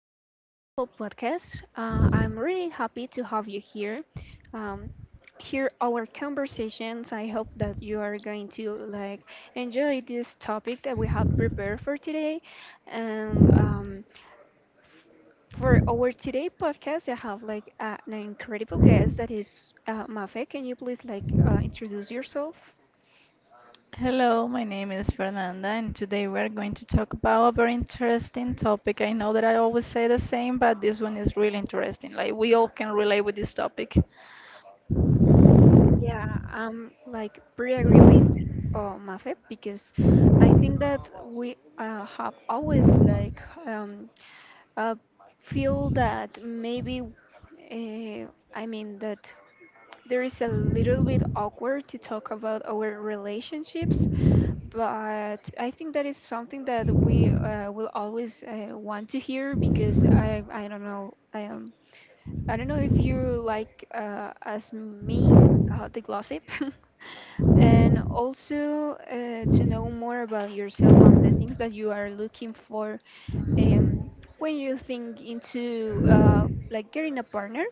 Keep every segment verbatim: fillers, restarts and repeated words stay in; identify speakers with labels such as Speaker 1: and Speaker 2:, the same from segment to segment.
Speaker 1: this incredible podcast. Uh, I'm really happy to have you here. Um, hear our conversations. I hope that you are going to like enjoy this topic that we have prepared for today. And um, for our today podcast, I have like uh, an incredible guest that is uh, Mafe. Can you please like uh, introduce yourself?
Speaker 2: Hello, my name is Fernanda, and today we're going to talk about a very interesting topic. I know that I always say the same, but this one is really interesting. Like, we all can relate with this topic.
Speaker 1: Yeah, um, like pretty agree with uh, Mafe because I think that we uh, have always like um, uh, feel that maybe uh, I mean that there is a little bit awkward to talk about our relationships, but I think that is something that we uh, will always uh, want to hear because I I don't know um I don't know if you like uh, as me uh, the gossip, and also uh, to know more about yourself and the things that you are looking for um, when you think into uh, like getting a partner.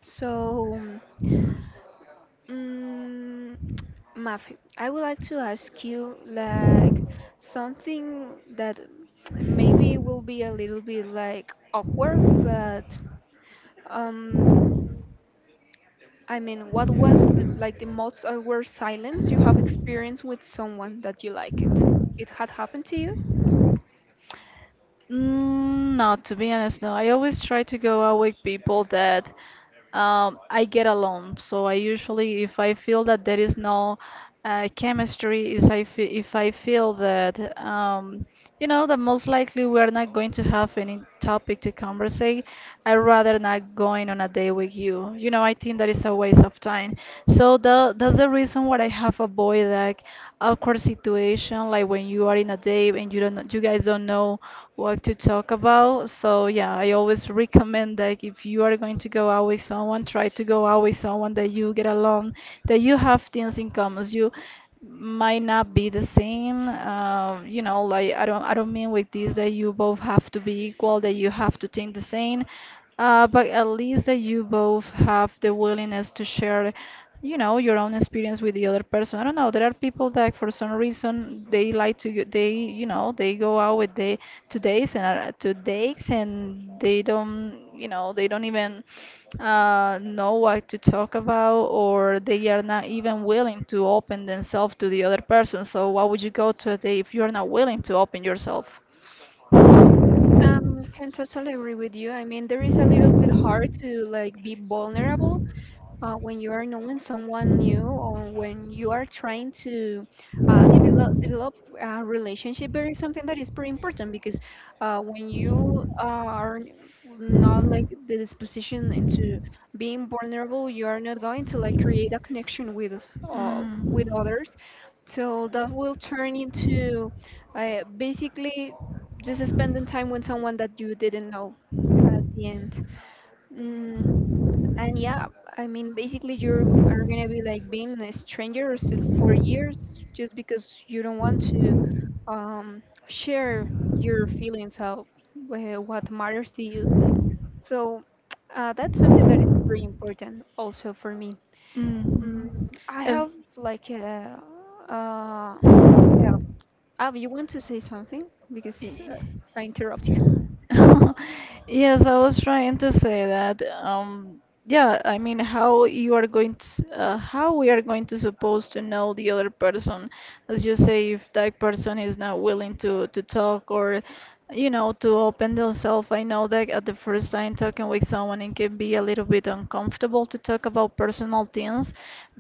Speaker 1: So, um, Mafi, I would like to ask you like something that maybe will be a little bit like awkward, but um I mean, what was the like the most awkward silence you have experienced with someone that you like it? It had happened to you?
Speaker 2: Mm, no, to be honest, no. I always try to go out with people that um, I get along. So I usually, if I feel that there is no uh, chemistry, is I fe if I feel that um, you know that most likely we are not going to have any topic to conversate, I rather not going on a day with you. You know, I think that is a waste of time. So the, that's the reason why I have avoided like awkward situation, like when you are in a day and you don't, know- you guys don't know what to talk about. So yeah, I always recommend like if you are going to go out with someone, try to go out with someone that you get along, that you have things in common. You might not be the same. Uh, you know, like I don't, I don't mean with this that you both have to be equal, that you have to think the same, uh, but at least that you both have the willingness to share, you know, your own experience with the other person. I don't know. There are people that for some reason they like to, go- they, you know, they go out with the to dates and are, to dates and they don't, you know, they don't even uh, know what to talk about, or they are not even willing to open themselves to the other person. So, why would you go to a date if you're not willing to open yourself?
Speaker 1: Um, can totally agree with you. I mean, there is a little bit hard to like be vulnerable uh, when you are knowing someone new or when you are trying to uh, develop, develop a relationship, there is something that is pretty important because uh, when you are not like the disposition into being vulnerable, you are not going to like create
Speaker 2: Mm.
Speaker 1: a connection with uh, with others. So that will turn into uh, basically just spending time with someone that you didn't know at the end. Mm, and yeah, I mean, basically, you are gonna be like being a stranger still for years just because you don't want to um, share your feelings of wh- what matters to you. So uh, that's something that is pretty important also for me. Mm,
Speaker 2: Mhm.
Speaker 1: I
Speaker 2: Uh.
Speaker 1: have like a, uh, like a, oh, you want to say something? Because
Speaker 2: Y-
Speaker 1: uh, I interrupt you.
Speaker 2: Yes, I was trying to say that. Um, yeah, I mean, how you are going to, s- uh, how we are going to supposed to know the other person, as you say, if that person is not willing to to talk or you know, to open yourself. I know that at the first time talking with someone, it can be a little bit uncomfortable to talk about personal things.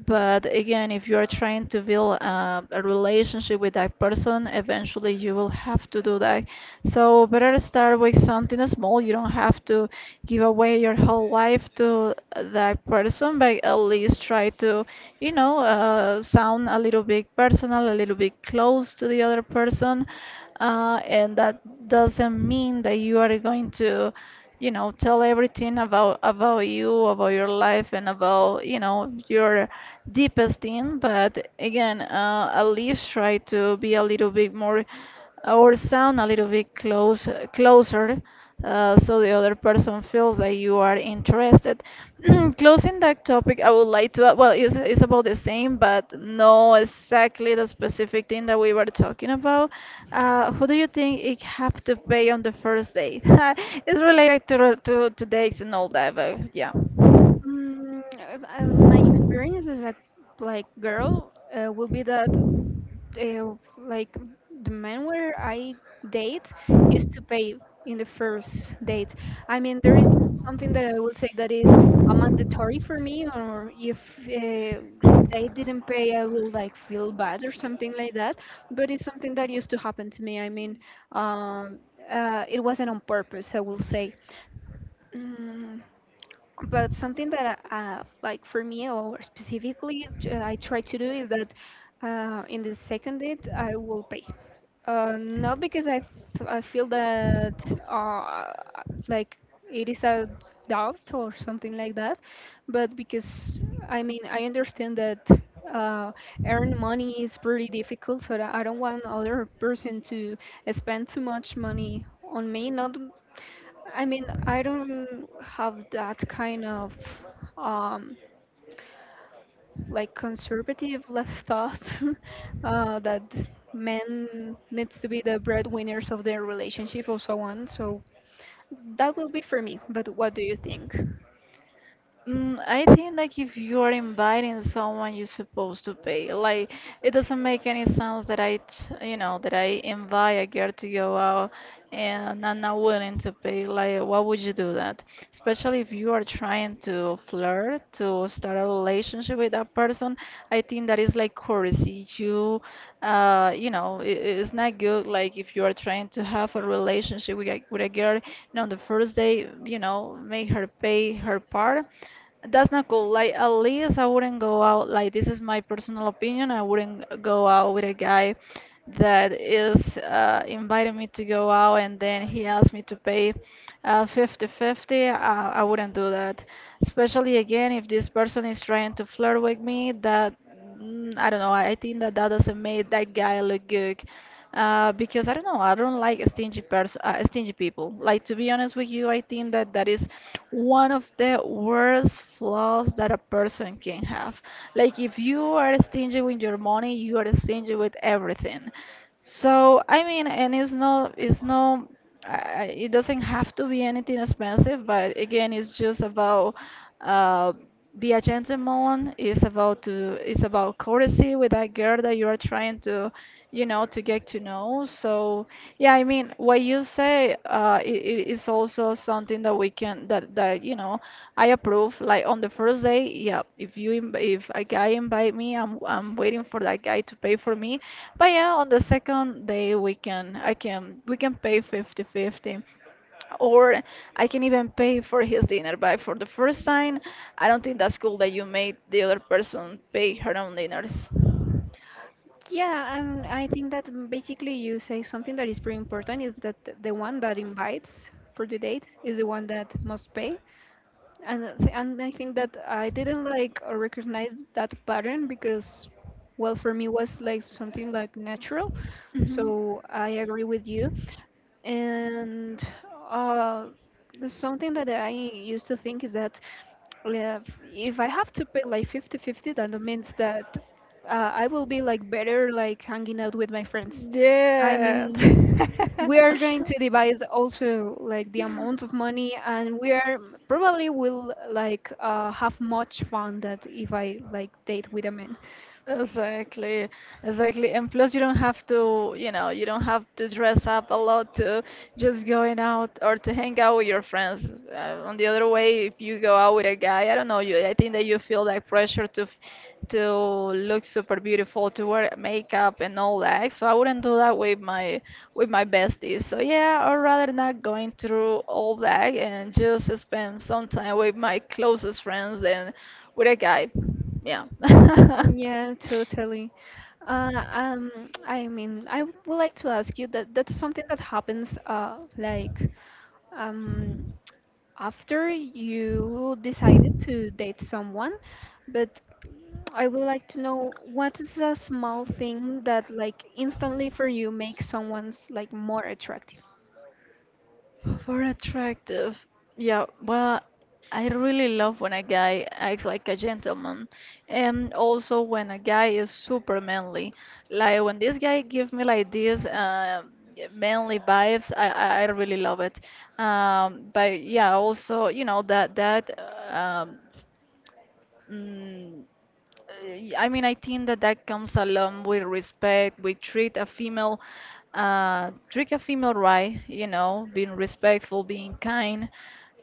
Speaker 2: But again, if you are trying to build uh, a relationship with that person, eventually you will have to do that. So better start with something small. You don't have to give away your whole life to that person, but at least try to, you know, uh, sound a little bit personal, a little bit close to the other person uh, and that doesn't mean that you are going to you know tell everything about about you about your life and about you know your deepest in but again uh, at least try to be a little bit more or sound a little bit close, closer uh, so the other person feels that you are interested. Closing that topic, I would like to, uh, well, it's, it's about the same, but no exactly the specific thing that we were talking about. Uh, who do you think it have to pay on the first date? It's related to, to, to dates and all that, but yeah.
Speaker 1: Mm, uh, uh, my experience as a like girl uh, will be that uh, like the men where I date used to pay in the first date. I mean, there is something that I will say that is a mandatory for me, or if uh, they didn't pay, I will like feel bad or something like that. But it's something that used to happen to me. I mean, um, uh, it wasn't on purpose, I will say. Mm but something that I, uh, like for me or specifically uh, I try to do is that uh, in the second date I will pay. Uh, not because I th- I feel that uh, like it is a doubt or something like that, but because I mean I understand that uh, earn money is pretty difficult, so that I don't want other person to spend too much money on me. Not I mean, I don't have that kind of um, like conservative left thought uh, that men needs to be the breadwinners of their relationship or so on. So that will be for me. But what do you think?
Speaker 2: Mm, I think like if you are inviting someone, you're supposed to pay. Like it doesn't make any sense that I, t- you know, that I invite a girl to go out and I'm not willing to pay. Like why would you do that? Especially if you are trying to flirt, to start a relationship with that person. I think that is like courtesy. You, uh, you know, it, it's not good. Like if you are trying to have a relationship with a, with a girl, and on the first day, you know, make her pay her part, that's not cool. Like, at least I wouldn't go out. Like, this is my personal opinion. I wouldn't go out with a guy that is uh, inviting me to go out and then he asked me to pay uh, fifty fifty. I, I wouldn't do that. Especially again, if this person is trying to flirt with me, that mm, I don't know. I I think that that doesn't make that guy look good uh, because I don't know, I don't like stingy pers uh, stingy people. Like to be honest with you, I think that that is one of the worst flaws that a person can have. Like if you are stingy with your money, you are stingy with everything. So I mean, and it's no, it's no, I, I- it doesn't have to be anything expensive, but again, it's just about uh, be a gentleman. It's about to, it's about courtesy with that girl that you are trying to you know, to get to know. So, yeah, I mean, what you say uh, it is also something that we can that that you know I approve. Like on the first day, yeah, if you inv if a guy invite me, I'm I'm waiting for that guy to pay for me. But yeah, on the second day, we can I can we can pay fifty fifty, or I can even pay for his dinner. But for the first time, I don't think that's cool that you made the other person pay her own dinners.
Speaker 1: Yeah, and I think that basically you say something that is pretty important is that the one that invites for the date is the one that must pay. and I thi- and I think that I didn't like uh, recognize that pattern because, well, for me was like something like natural.
Speaker 2: Mhm.
Speaker 1: So I agree with you. And uh, there's something that I used to think is that uh, if I have to pick like fifty fifty, then that means that uh, I will be like better like hanging out with my friends. I
Speaker 2: Yeah.
Speaker 1: mean, we are going to divide also like the amount of money and we are probably will like uh, have much fun that if I like date with a man
Speaker 2: Exactly, exactly. And plus, you don't have to, you know, you don't have to dress up a lot to just going out or to hang out with your friends. Uh, on the other way, if you go out with a guy, I don't know, you, I think that you feel like pressure to, f- to look super beautiful, to wear makeup and all that. So I wouldn't do that with my, with my besties. So yeah, I'd rather not going through all that and just spend some time with my closest friends and with a guy. Yeah.
Speaker 1: yeah totally uh, um I mean I would like to ask you that that's something that happens uh like um after you decided to date someone, but I would like to know what is a small thing that like instantly for you makes someone's like more attractive.
Speaker 2: For attractive. Yeah, well, I really love when a guy acts like a gentleman, and also when a guy is super manly. Like when this guy give me like this uh, manly vibes, I, I I really love it. Um, but yeah, also you know that that um, Mm, uh, I mean, I think that that comes along with respect. We treat a female, uh, treat a female right, you know, being respectful, being kind.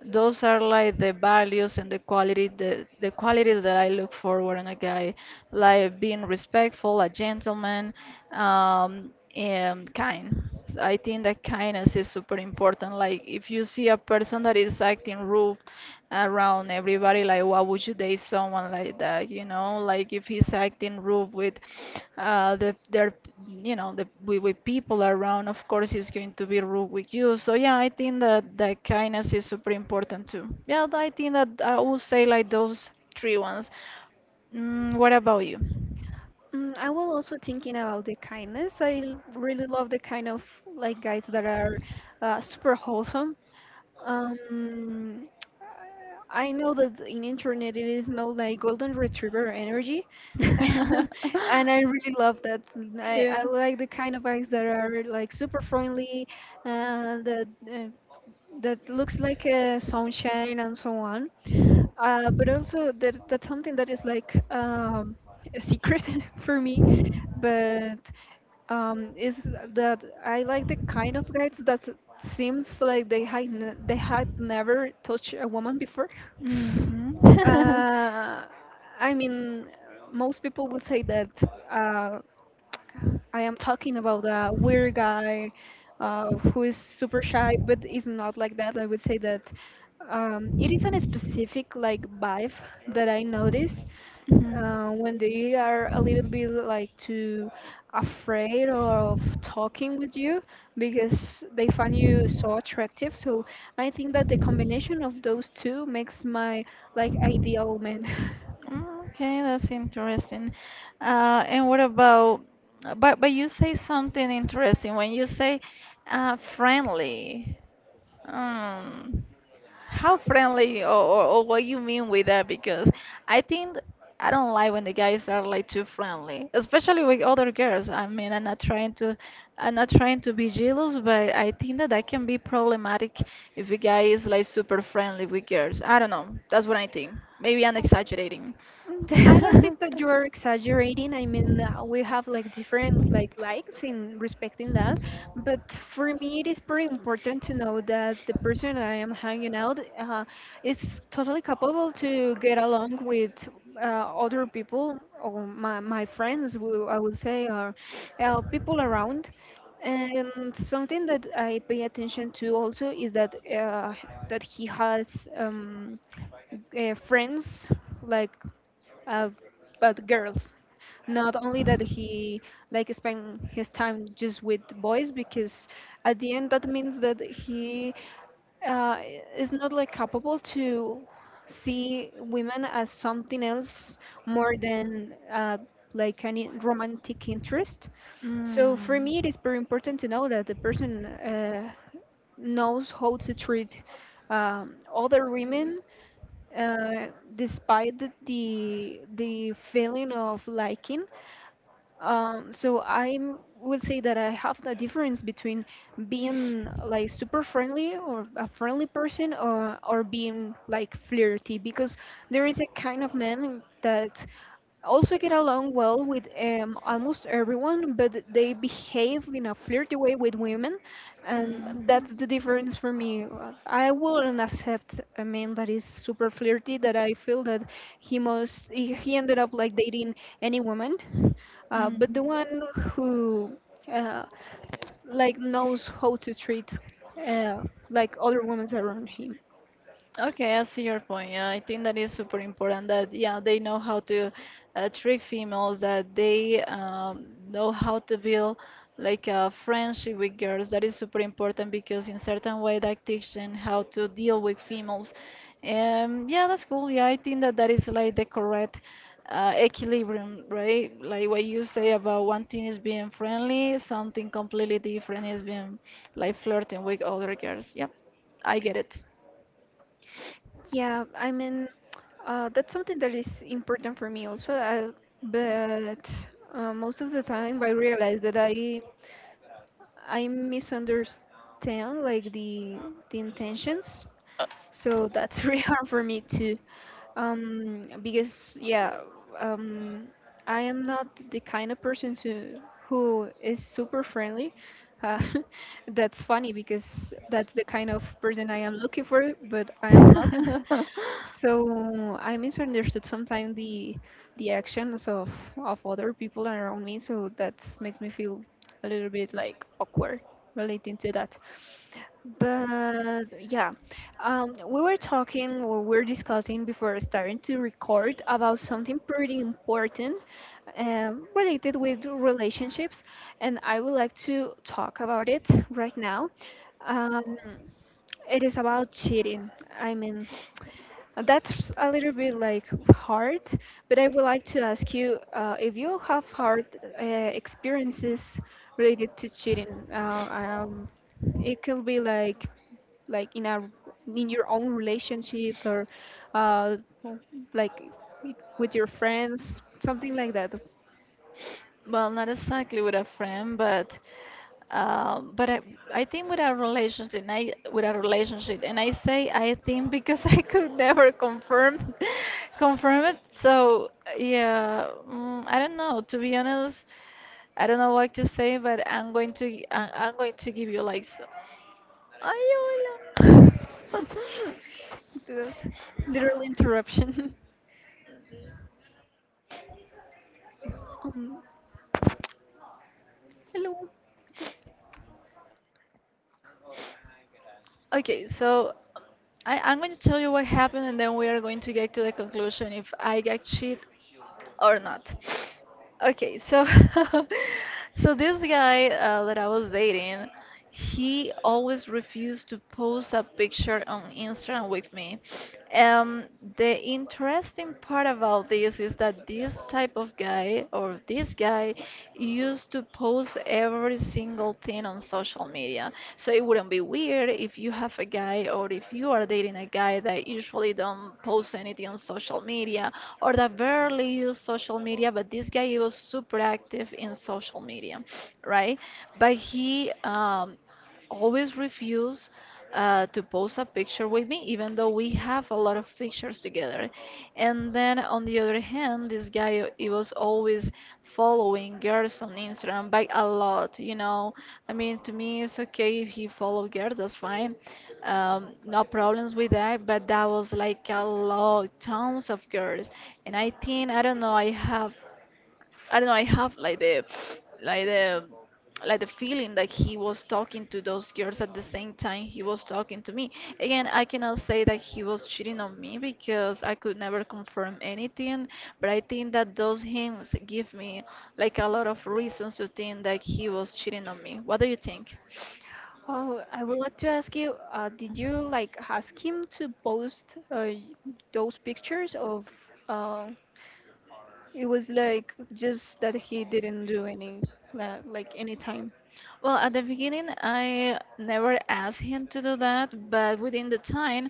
Speaker 2: Those are like the values and the quality, the, the qualities that I look for in a guy, like being respectful, a gentleman, um, and kind. I think that kindness is super important. Like if you see a person that is acting rude around everybody, like why would you date someone like that? You know, like if he's acting rude with uh the their you know the with, with people around, of course he's going to be rude with you. So yeah, I think that that kindness is super important too. Yeah, I think that I would say like those three ones. Mm, what about you?
Speaker 1: Mm, I was also thinking about the kindness. I l- really love the kind of like guys that are uh, super wholesome. Um, I know that in internet it is known like golden retriever energy, and I really love that. I, I
Speaker 2: Yeah.
Speaker 1: like the kind of eyes that are like super friendly, uh, that uh, that looks like a sunshine and so on. Uh, but also that that's something that is like um, a secret for me, but. Um, is that I like the kind of guys that seems like they had n they had never touched a woman before.
Speaker 2: Mhm.
Speaker 1: Uh, I mean, most people would say that uh, I am talking about a weird guy uh, who is super shy, but is not like that. I would say that um, it isn't a specific like vibe that I notice uh, when they are a little bit like too afraid of talking with you because they find you so attractive. So I think that the combination of those two makes my like
Speaker 2: Mhm. Mm.
Speaker 1: ideal man.
Speaker 2: Okay, that's interesting. Uh, and what about, but but you say something interesting when you say uh, friendly. Mm. How friendly, or, or, or what you mean with that? Because I think I don't like when the guys are like too friendly, especially with other girls. I mean, I'm not trying to, I'm not trying to be jealous, but I think that that can be problematic if a guy is like super friendly with girls. I don't know. That's what I think. Maybe I'm exaggerating.
Speaker 1: Mm, I don't think that you're exaggerating. I mean, uh, we have like different like likes in respecting that, but for me, it is very important to know that the person I am hanging out uh, is totally capable to get along with uh, other people or my my friends, who I would say, or uh, people around. And something that I pay attention to also is that uh, that he has um, uh, friends like of but girls. Not only that he like spend his time just with boys because at the end that means that he uh, is not like capable to see women as something else more than uh, like any romantic interest. So for me, it is very important to know that the person uh, knows how to treat um, other women uh, despite the, the the feeling of liking. Um, so I will say that I have the difference between being like super friendly or a friendly person or or being like flirty because there is a kind of man that also get along well with um, almost everyone, but they behave in a flirty way with women and that's the difference for me. Uh, I wouldn't accept a man that is super flirty, that I feel that he must, he he ended up like dating any woman. Uh, but
Speaker 2: Mhm.
Speaker 1: the one who uh, like knows how to treat uh, like other women around him.
Speaker 2: Okay, I see your point. Yeah, I think that is super important that yeah they know how to uh, trick females, that they um, know how to build like a friendship with girls. That is super important because in certain way that teaches them how to deal with females. Um, yeah, that's cool. Yeah, I think that that is like the correct uh, equilibrium, right? Like what you say, about one thing is being friendly, something completely different is being like flirting with other girls. Yep, I get it.
Speaker 1: Yeah, I mean, uh, that's something that is important for me also. I, but uh, most of the time, I realize that I I misunderstand like the the intentions. So that's really hard for me to um because yeah um I am not the kind of person to who is super friendly uh, that's funny because that's the kind of person I am looking for but I am not
Speaker 2: not.
Speaker 1: so I misunderstood sometimes the the actions of of other people around me so that makes me feel a little bit like awkward relating to that but yeah um, we were talking, or we were discussing before starting to record about something pretty important um, related with relationships, and I would like to talk about it right now. Um, it is about cheating. I mean, that's a little bit like hard, but I would like to ask you uh, if you have hard uh, experiences related to cheating. Uh, um, it could be like like in a in your own relationships or uh, like with your friends, something like that.
Speaker 2: Well, not exactly with a friend, but um, but I, I think with a relationship, and I with a relationship, and I say I think because I could never confirm confirm it. So yeah, mm, I don't know. To be honest, I don't know what to say, but I'm going to I, I'm going to give you like. s- Ay, hola.
Speaker 1: That Literal interruption. um, hello. This-
Speaker 2: Okay, so I, I'm going to tell you what happened, and then we are going to get to the conclusion if I get cheat or not. Okay, so so this guy uh, that I was dating, he always refused to post a picture on Instagram with me. Um, the interesting part about this is that this type of guy or this guy used to post every single thing on social media. So it wouldn't be weird if you have a guy or if you are dating a guy that usually don't post anything on social media or that barely use social media, but this guy he was super active in social media, right? But he um, always refuse uh, to post a picture with me, even though we have a lot of pictures together. And then on the other hand, this guy he was always following girls on Instagram by a lot, you know. I mean, to me, it's okay if he follow girls, that's fine. Um, no problems with that, but that was like a lot, tons of girls. And I think, I don't know, I have I don't know. I have like the, like the, like the feeling that he was talking to those girls at the same time he was talking to me. Again, I cannot say that he was cheating on me because I could never confirm anything. But I think that those hints give me like a lot of reasons to think that he was cheating on me. What do you think?
Speaker 1: Oh, I would like to ask you, uh, did you like ask him to post uh, those pictures of uh, it was like just that he didn't do any la- like any time.
Speaker 2: Well, at the beginning, I never asked him to do that, but within the time,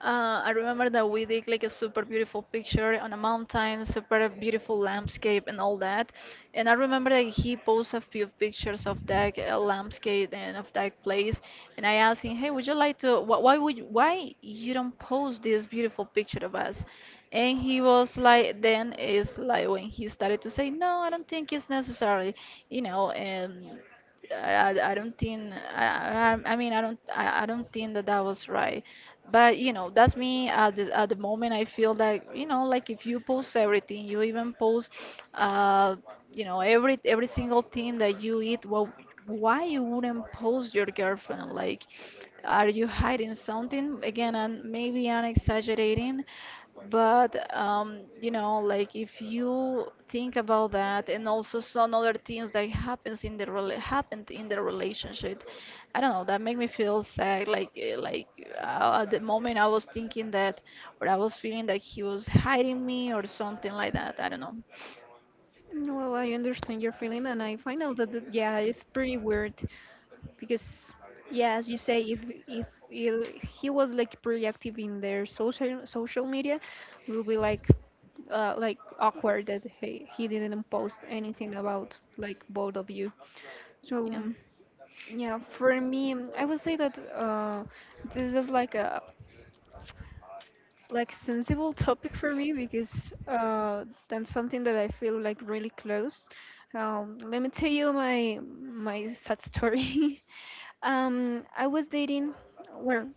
Speaker 2: uh, I remember that we did like a super beautiful picture on a mountain, super beautiful landscape, and all that. And I remember that he posted a few pictures of that uh, landscape and of that place. And I asked him, "Hey, would you like to? Wh why would you, why you don't post this beautiful picture of us?" And he was like, then it's like when he started to say, "No, I don't think it's necessary," you know, and. I, I don't think I, I I mean I don't I, I don't think that that was right but you know that's me at the, at the moment I feel like you know like if you post everything you even post uh you know every every single thing that you eat well why you wouldn't post your girlfriend like are you hiding something again and maybe I'm exaggerating but um, you know, like if you think about that, and also some other things that happens in the rela happened in the relationship, I don't know. That make me feel sad. Like eh, like uh, at the moment I was thinking that, or I was feeling that he was hiding me or something like that. I don't know.
Speaker 1: No, I understand your feeling, and I find out that, that yeah, it's pretty weird. Because yeah as you say if if il- he was like pretty active in their social social media will be like uh, like awkward that he, he didn't post anything about like both of you so
Speaker 2: Yeah.
Speaker 1: mm, yeah for me mm, I would say that uh this is like a like sensible topic for me because uh that's something that I feel like really close um let me tell you my my sad story um, I was dating where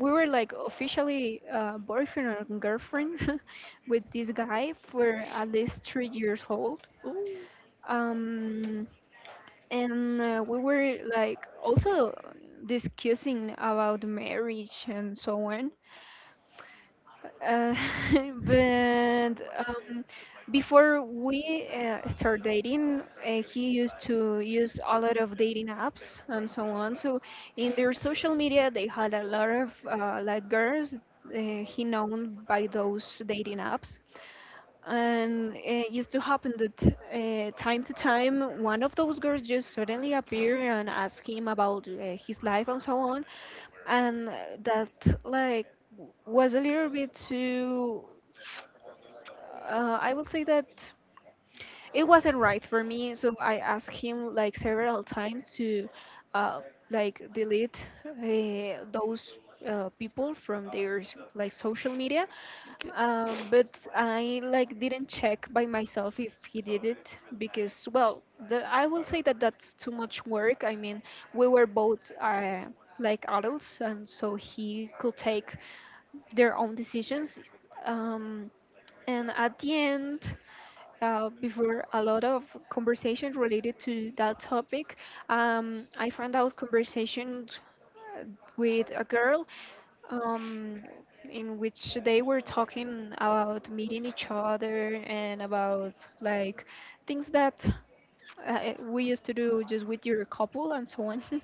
Speaker 1: we were like officially uh, boyfriend and girlfriend with this guy for at least three years old.
Speaker 2: Ooh,
Speaker 1: Um, and uh, we were like also discussing about marriage and so on. Uh, but um, before we uh, start dating, uh, he used to use a lot of dating apps and so on. So in their social media, they had a lot of uh, like girls uh, he known by those dating apps, and it used to happen that uh, time to time one of those girls just suddenly appear and ask him about uh, his life and so on. And uh, that like w- was a little bit too uh, I would say that it wasn't right for me, so I asked him like several times to uh, like delete uh, those uh, people from their s- like social media.
Speaker 2: good.
Speaker 1: Uh, but I like didn't check by myself if he did it, because well, the, I will say that that's too much work. I mean, we were both uh, like adults, and so he could take their own decisions. Um, and at the end, uh, before a lot of conversations related to that topic. Um, I found out conversations uh, with a girl, um, in which they were talking about meeting each other and about like things that uh, we used to do just with your couple and so on.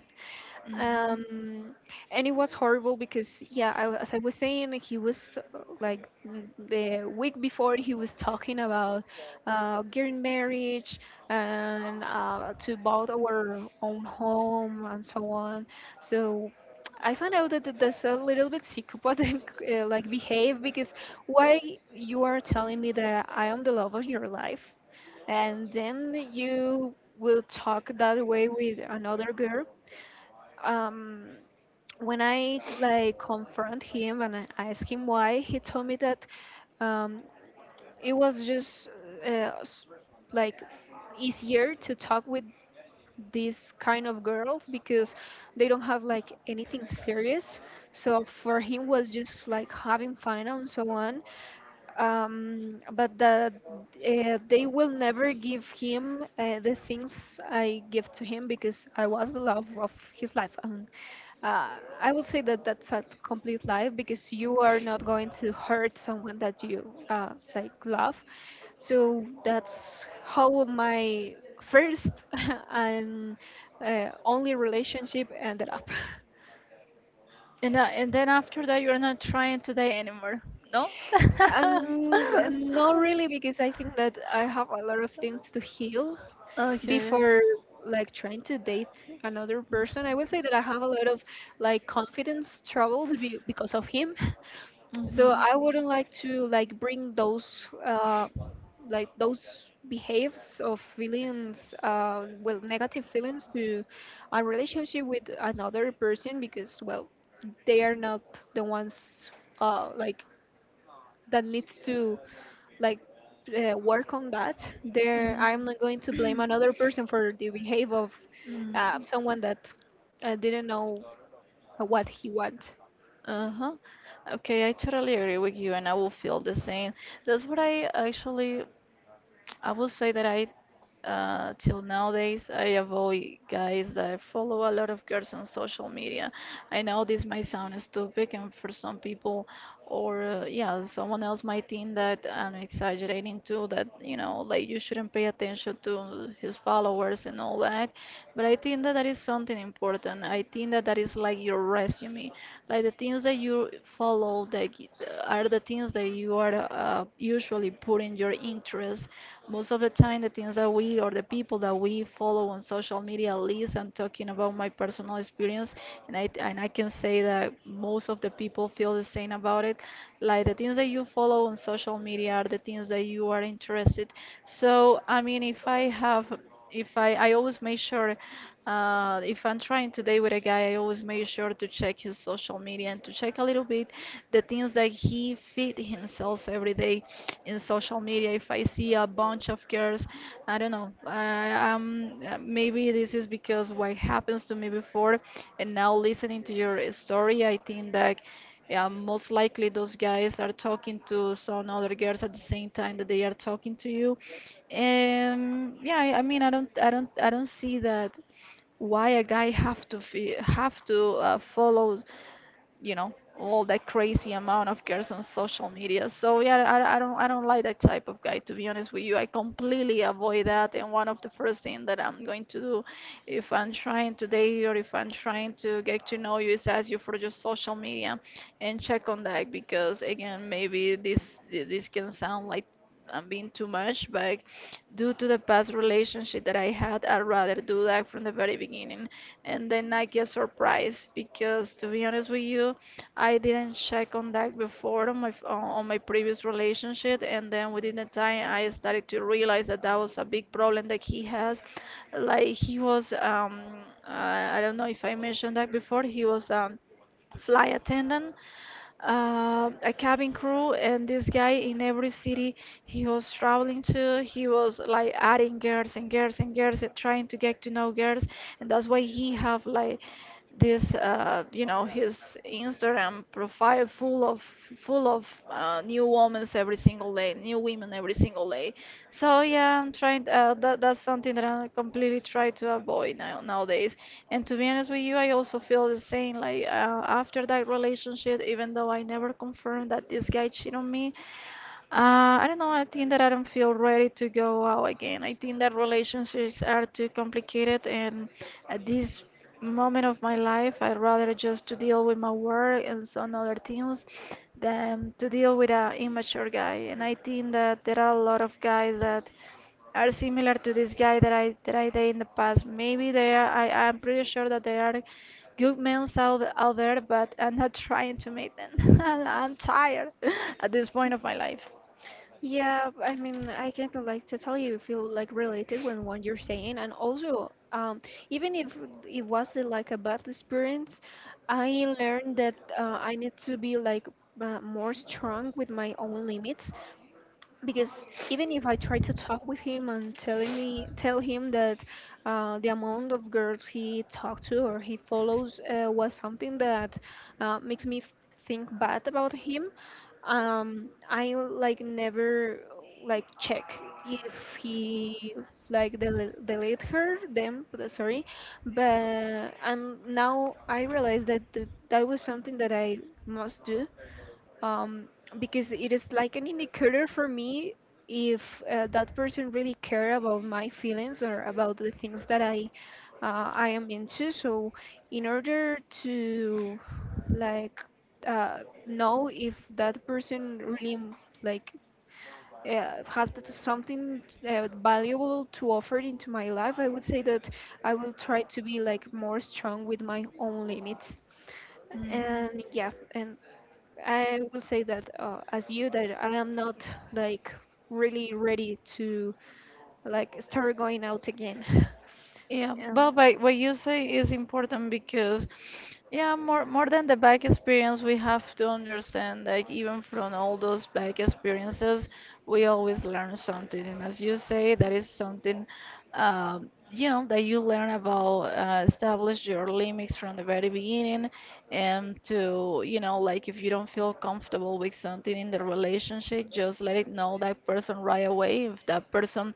Speaker 2: Mhm.
Speaker 1: um and it was horrible because, yeah, I, as I was saying, he was uh, like n- the week before he was talking about uh, getting marriage and uh, to build our own home and so on. So I found out that th- that's a little bit psychopathic uh, like behave, because why you are telling me that I am the love of your life, and then you will talk that way with another girl? um, when I like confront him and I ask him why, he told me that um, it was just uh, s- like easier to talk with these kind of girls because they don't have like anything serious. So for him was just like having fun and so on, um, but that uh, they will never give him uh, the things I give to him because I was the love of his life. And uh, I would say that that's a complete lie, because you are not going to hurt someone that you uh, like love. So that's how my first and uh, only relationship ended up.
Speaker 2: And, uh, and then after that, you're not trying today anymore, no?
Speaker 1: And not really, because I think that I have a lot of things to heal
Speaker 2: Okay.
Speaker 1: before like trying to date another person. I would say that I have a lot of like confidence troubles be- because of him. So
Speaker 2: Mhm.
Speaker 1: I wouldn't like to like bring those uh like those behaves of feelings, uh well, negative feelings to a relationship with another person, because well, they are not the ones uh like that needs to like uh, work on that. There I'm not going to blame
Speaker 2: Mhm.
Speaker 1: another person for the behavior of uh, someone that uh, didn't know what he want.
Speaker 2: Uh-huh. Okay, I totally agree with you, and I will feel the same. That's what I actually I would say that I, uh, till nowadays, I avoid guys that follow a lot of girls on social media. I know this might sound stupid, and for some people, or uh, yeah, someone else might think that I'm exaggerating too, that you know, like you shouldn't pay attention to his followers and all that. But I think that that is something important. I think that that is like your resume, like the things that you follow that g- are the things that you are uh, usually putting your interest most of the time, the things that we or the people that we follow on social media, at least I'm talking about my personal experience, and I and I can say that most of the people feel the same about it. Like the things that you follow on social media are the things that you are interested. So I mean, if I have, if I I always make sure uh, if I'm trying to date with a guy, I always make sure to check his social media and to check a little bit the things that he feed himself every day in social media. If I see a bunch of girls, I don't know. I, um, uh, maybe this is because what happens to me before, and now listening to your uh, story, I think that. Yeah, most likely those guys are talking to some other girls at the same time that they are talking to you. And yeah, I I mean, I don't, I don't, I don't see that why a guy have to fe have to uh, follow you know all that crazy amount of girls on social media so yeah, I, I don't i don't like that type of guy to be honest with you I completely avoid that and one of the first thing that I'm going to do if I'm trying to date or if I'm trying to get to know you is ask you for your social media and check on that because again maybe this this can sound like I'm being too much, but due to the past relationship that I had, I'd rather do that from the very beginning and then I get surprised because to be honest with you, I didn't check on that before on my f- on on my previous relationship, and then within the time I started to realize that that was a big problem that he has. Like he was, um, uh, I don't know if I mentioned that before. He was um, flight attendant uh, a cabin crew, and this guy in every city he was traveling to, he was like adding girls and girls and girls and trying to get to know girls, and that's why he have like this uh, you know his Instagram profile full of full of uh, new women every single day, new women every single day. So yeah, I'm trying. Uh, that that's something that I completely try to avoid now nowadays. And to be honest with you, I also feel the same. Like uh, after that relationship, even though I never confirmed that this guy cheated on me, uh, I don't know. I think that I don't feel ready to go out again. I think that relationships are too complicated, and at this moment of my life, I'd rather just to deal with my work and some other things than to deal with an immature guy. And I think that there are a lot of guys that are similar to this guy that I that I did in the past. Maybe they are, I I'm pretty sure that there are good men out out there, but I'm not trying to meet them. And I'm tired at this point of my life.
Speaker 1: Yeah, I mean, I can like totally feel like related when what you're saying, and also, um, even if it was uh, like a bad experience, I learned that uh, I need to be like uh, more strong with my own limits, because even if I try to talk with him and telling me tell him that uh, the amount of girls he talked to or he follows uh, was something that uh, makes me f- think bad about him, um, I like never like check if he like del- delete her them but, sorry, but, and now I realize that th- that was something that I must do, um, because it is like an indicator for me if uh, that person really care about my feelings or about the things that I uh, I am into. So in order to like uh, know if that person really m- like uh, has that something uh, valuable to offer into my life, I would say that I will try to be like more strong with my own limits.
Speaker 2: Mhm.
Speaker 1: And yeah, and I will say that, uh, as you, that I am not like really ready to like start going out again.
Speaker 2: Yeah, but
Speaker 1: Um,
Speaker 2: by, what you say is important because, yeah, more more than the back experience, we have to understand like even from all those back experiences, we always learn something. And as you say, that is something, um, you know, that you learn about uh, establish your limits from the very beginning, and to you know, like if you don't feel comfortable with something in the relationship, just let it know that person right away. If that person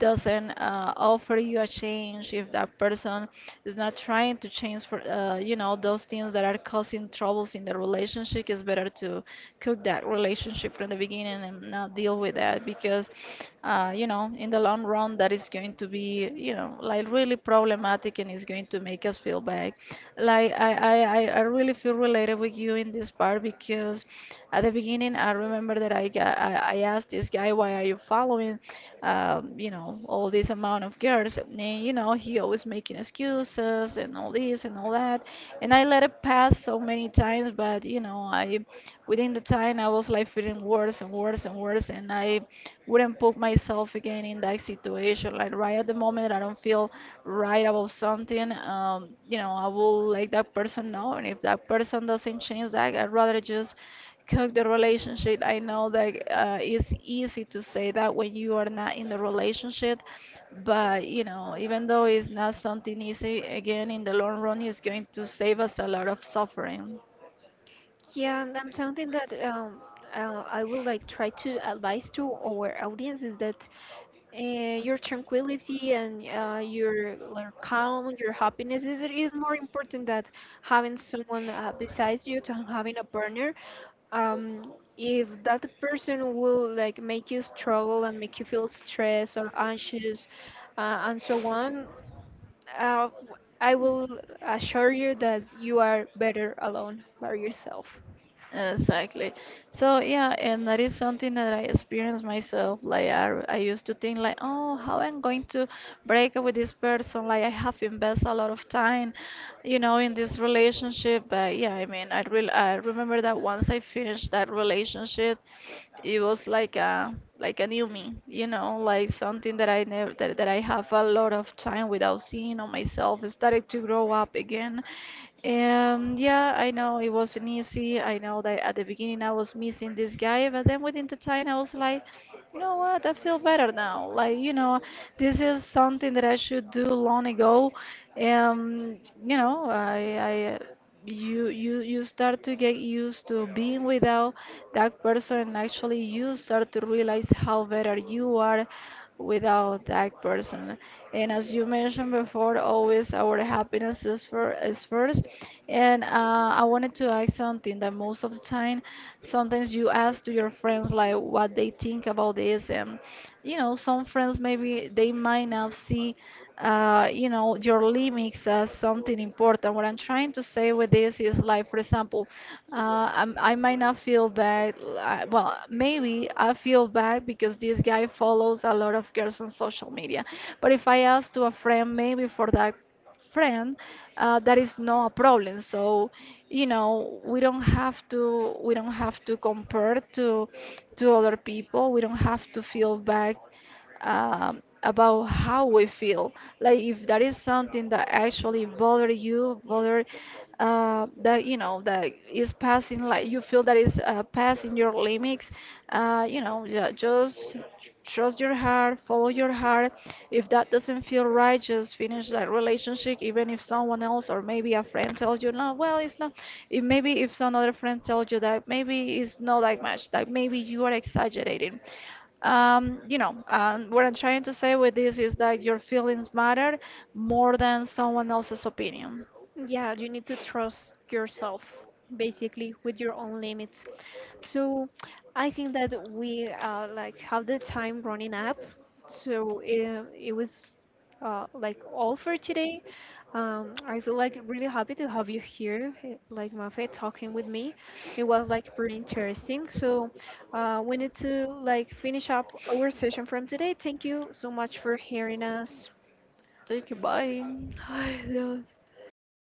Speaker 2: doesn't uh, offer you a change, if that person is not trying to change for, uh, you know, those things that are causing troubles in the relationship, it's better to cook that relationship from the beginning and not deal with that because, uh, you know, in the long run, that is going to be, you know, like really problematic and it's going to make us feel bad. Like I, I, I I really feel related related with you in this part because at the beginning I remember that I ga- I, I asked this guy why are you following um, you know all this amount of girls and you know he always making excuses and all this and all that and I let it pass so many times but you know I within the time I was like feeling worse and worse and worse and I wouldn't put myself again in that situation. Like right at the moment that I don't feel right about something, um, you know, I will let that person know. And if that person doesn't change that, I'd rather just cook the relationship. I know that uh, it's easy to say that when you are not in the relationship, but you know, even though it's not something easy, again, in the long run, it's going to save us a lot of suffering.
Speaker 1: yeah, and I something that um, uh, I would like try to advise to our audience is that uh, your tranquility and uh, your, your calm, your happiness is, it is more important than having someone uh, besides you, to having a partner. Um, if that person will like make you struggle and make you feel stressed or anxious uh, and so on, uh, I will assure you that you are better alone by yourself.
Speaker 2: Exactly. So yeah, and that is something that I experienced myself. Like I, I used to think like, oh, how I'm going to break up with this person? Like I have invested a lot of time, you know, in this relationship. But yeah, I mean, I really I remember that once I finished that relationship, it was like a like a new me, you know, like something that I never that, that I have a lot of time without seeing on myself. I started to grow up again um, yeah, I know it wasn't easy. I know that at the beginning I was missing this guy, but then within the time I was like, you know what? I feel better now. Like, you know, this is something that I should do long ago. Um, you know, I, I, you, you, you start to get used to being without that person. Actually, you start to realize how better you are without that person. And as you mentioned before, always our happiness is, for, is first. And uh, I wanted to ask something that most of the time, sometimes you ask to your friends like what they think about this, and you know, some friends maybe they might not see uh, you know, your limits as something important. What I'm trying to say with this is like, for example, uh, I'm, I might not feel bad. uh, Well, maybe I feel bad because this guy follows a lot of girls on social media. But if I ask to a friend, maybe for that friend, uh, that is not a problem. So, you know, we don't have to we don't have to compare to to other people. We don't have to feel bad um, about how we feel. Like if that is something that actually bother you, bother uh, that you know that is passing like you feel that is uh, passing your limits uh, you know ju- just trust your heart follow your heart if that doesn't feel right just finish that relationship even if someone else or maybe a friend tells you no well it's not if maybe if some other friend tells you that maybe it's not that much that maybe you are exaggerating um, you know, um, what I'm trying to say with this is that your feelings matter more than someone else's opinion.
Speaker 1: Yeah, you need to trust yourself basically with your own limits. So I think that we uh, like have the time running up. So it, it was uh, like all for today. Um, I feel like really happy to have you here, eh, like Mafe, talking with me. It was like pretty interesting. So uh, we need to like finish up our session from today. Thank you so much for hearing us.
Speaker 2: Thank you. Bye. Ay, Dios.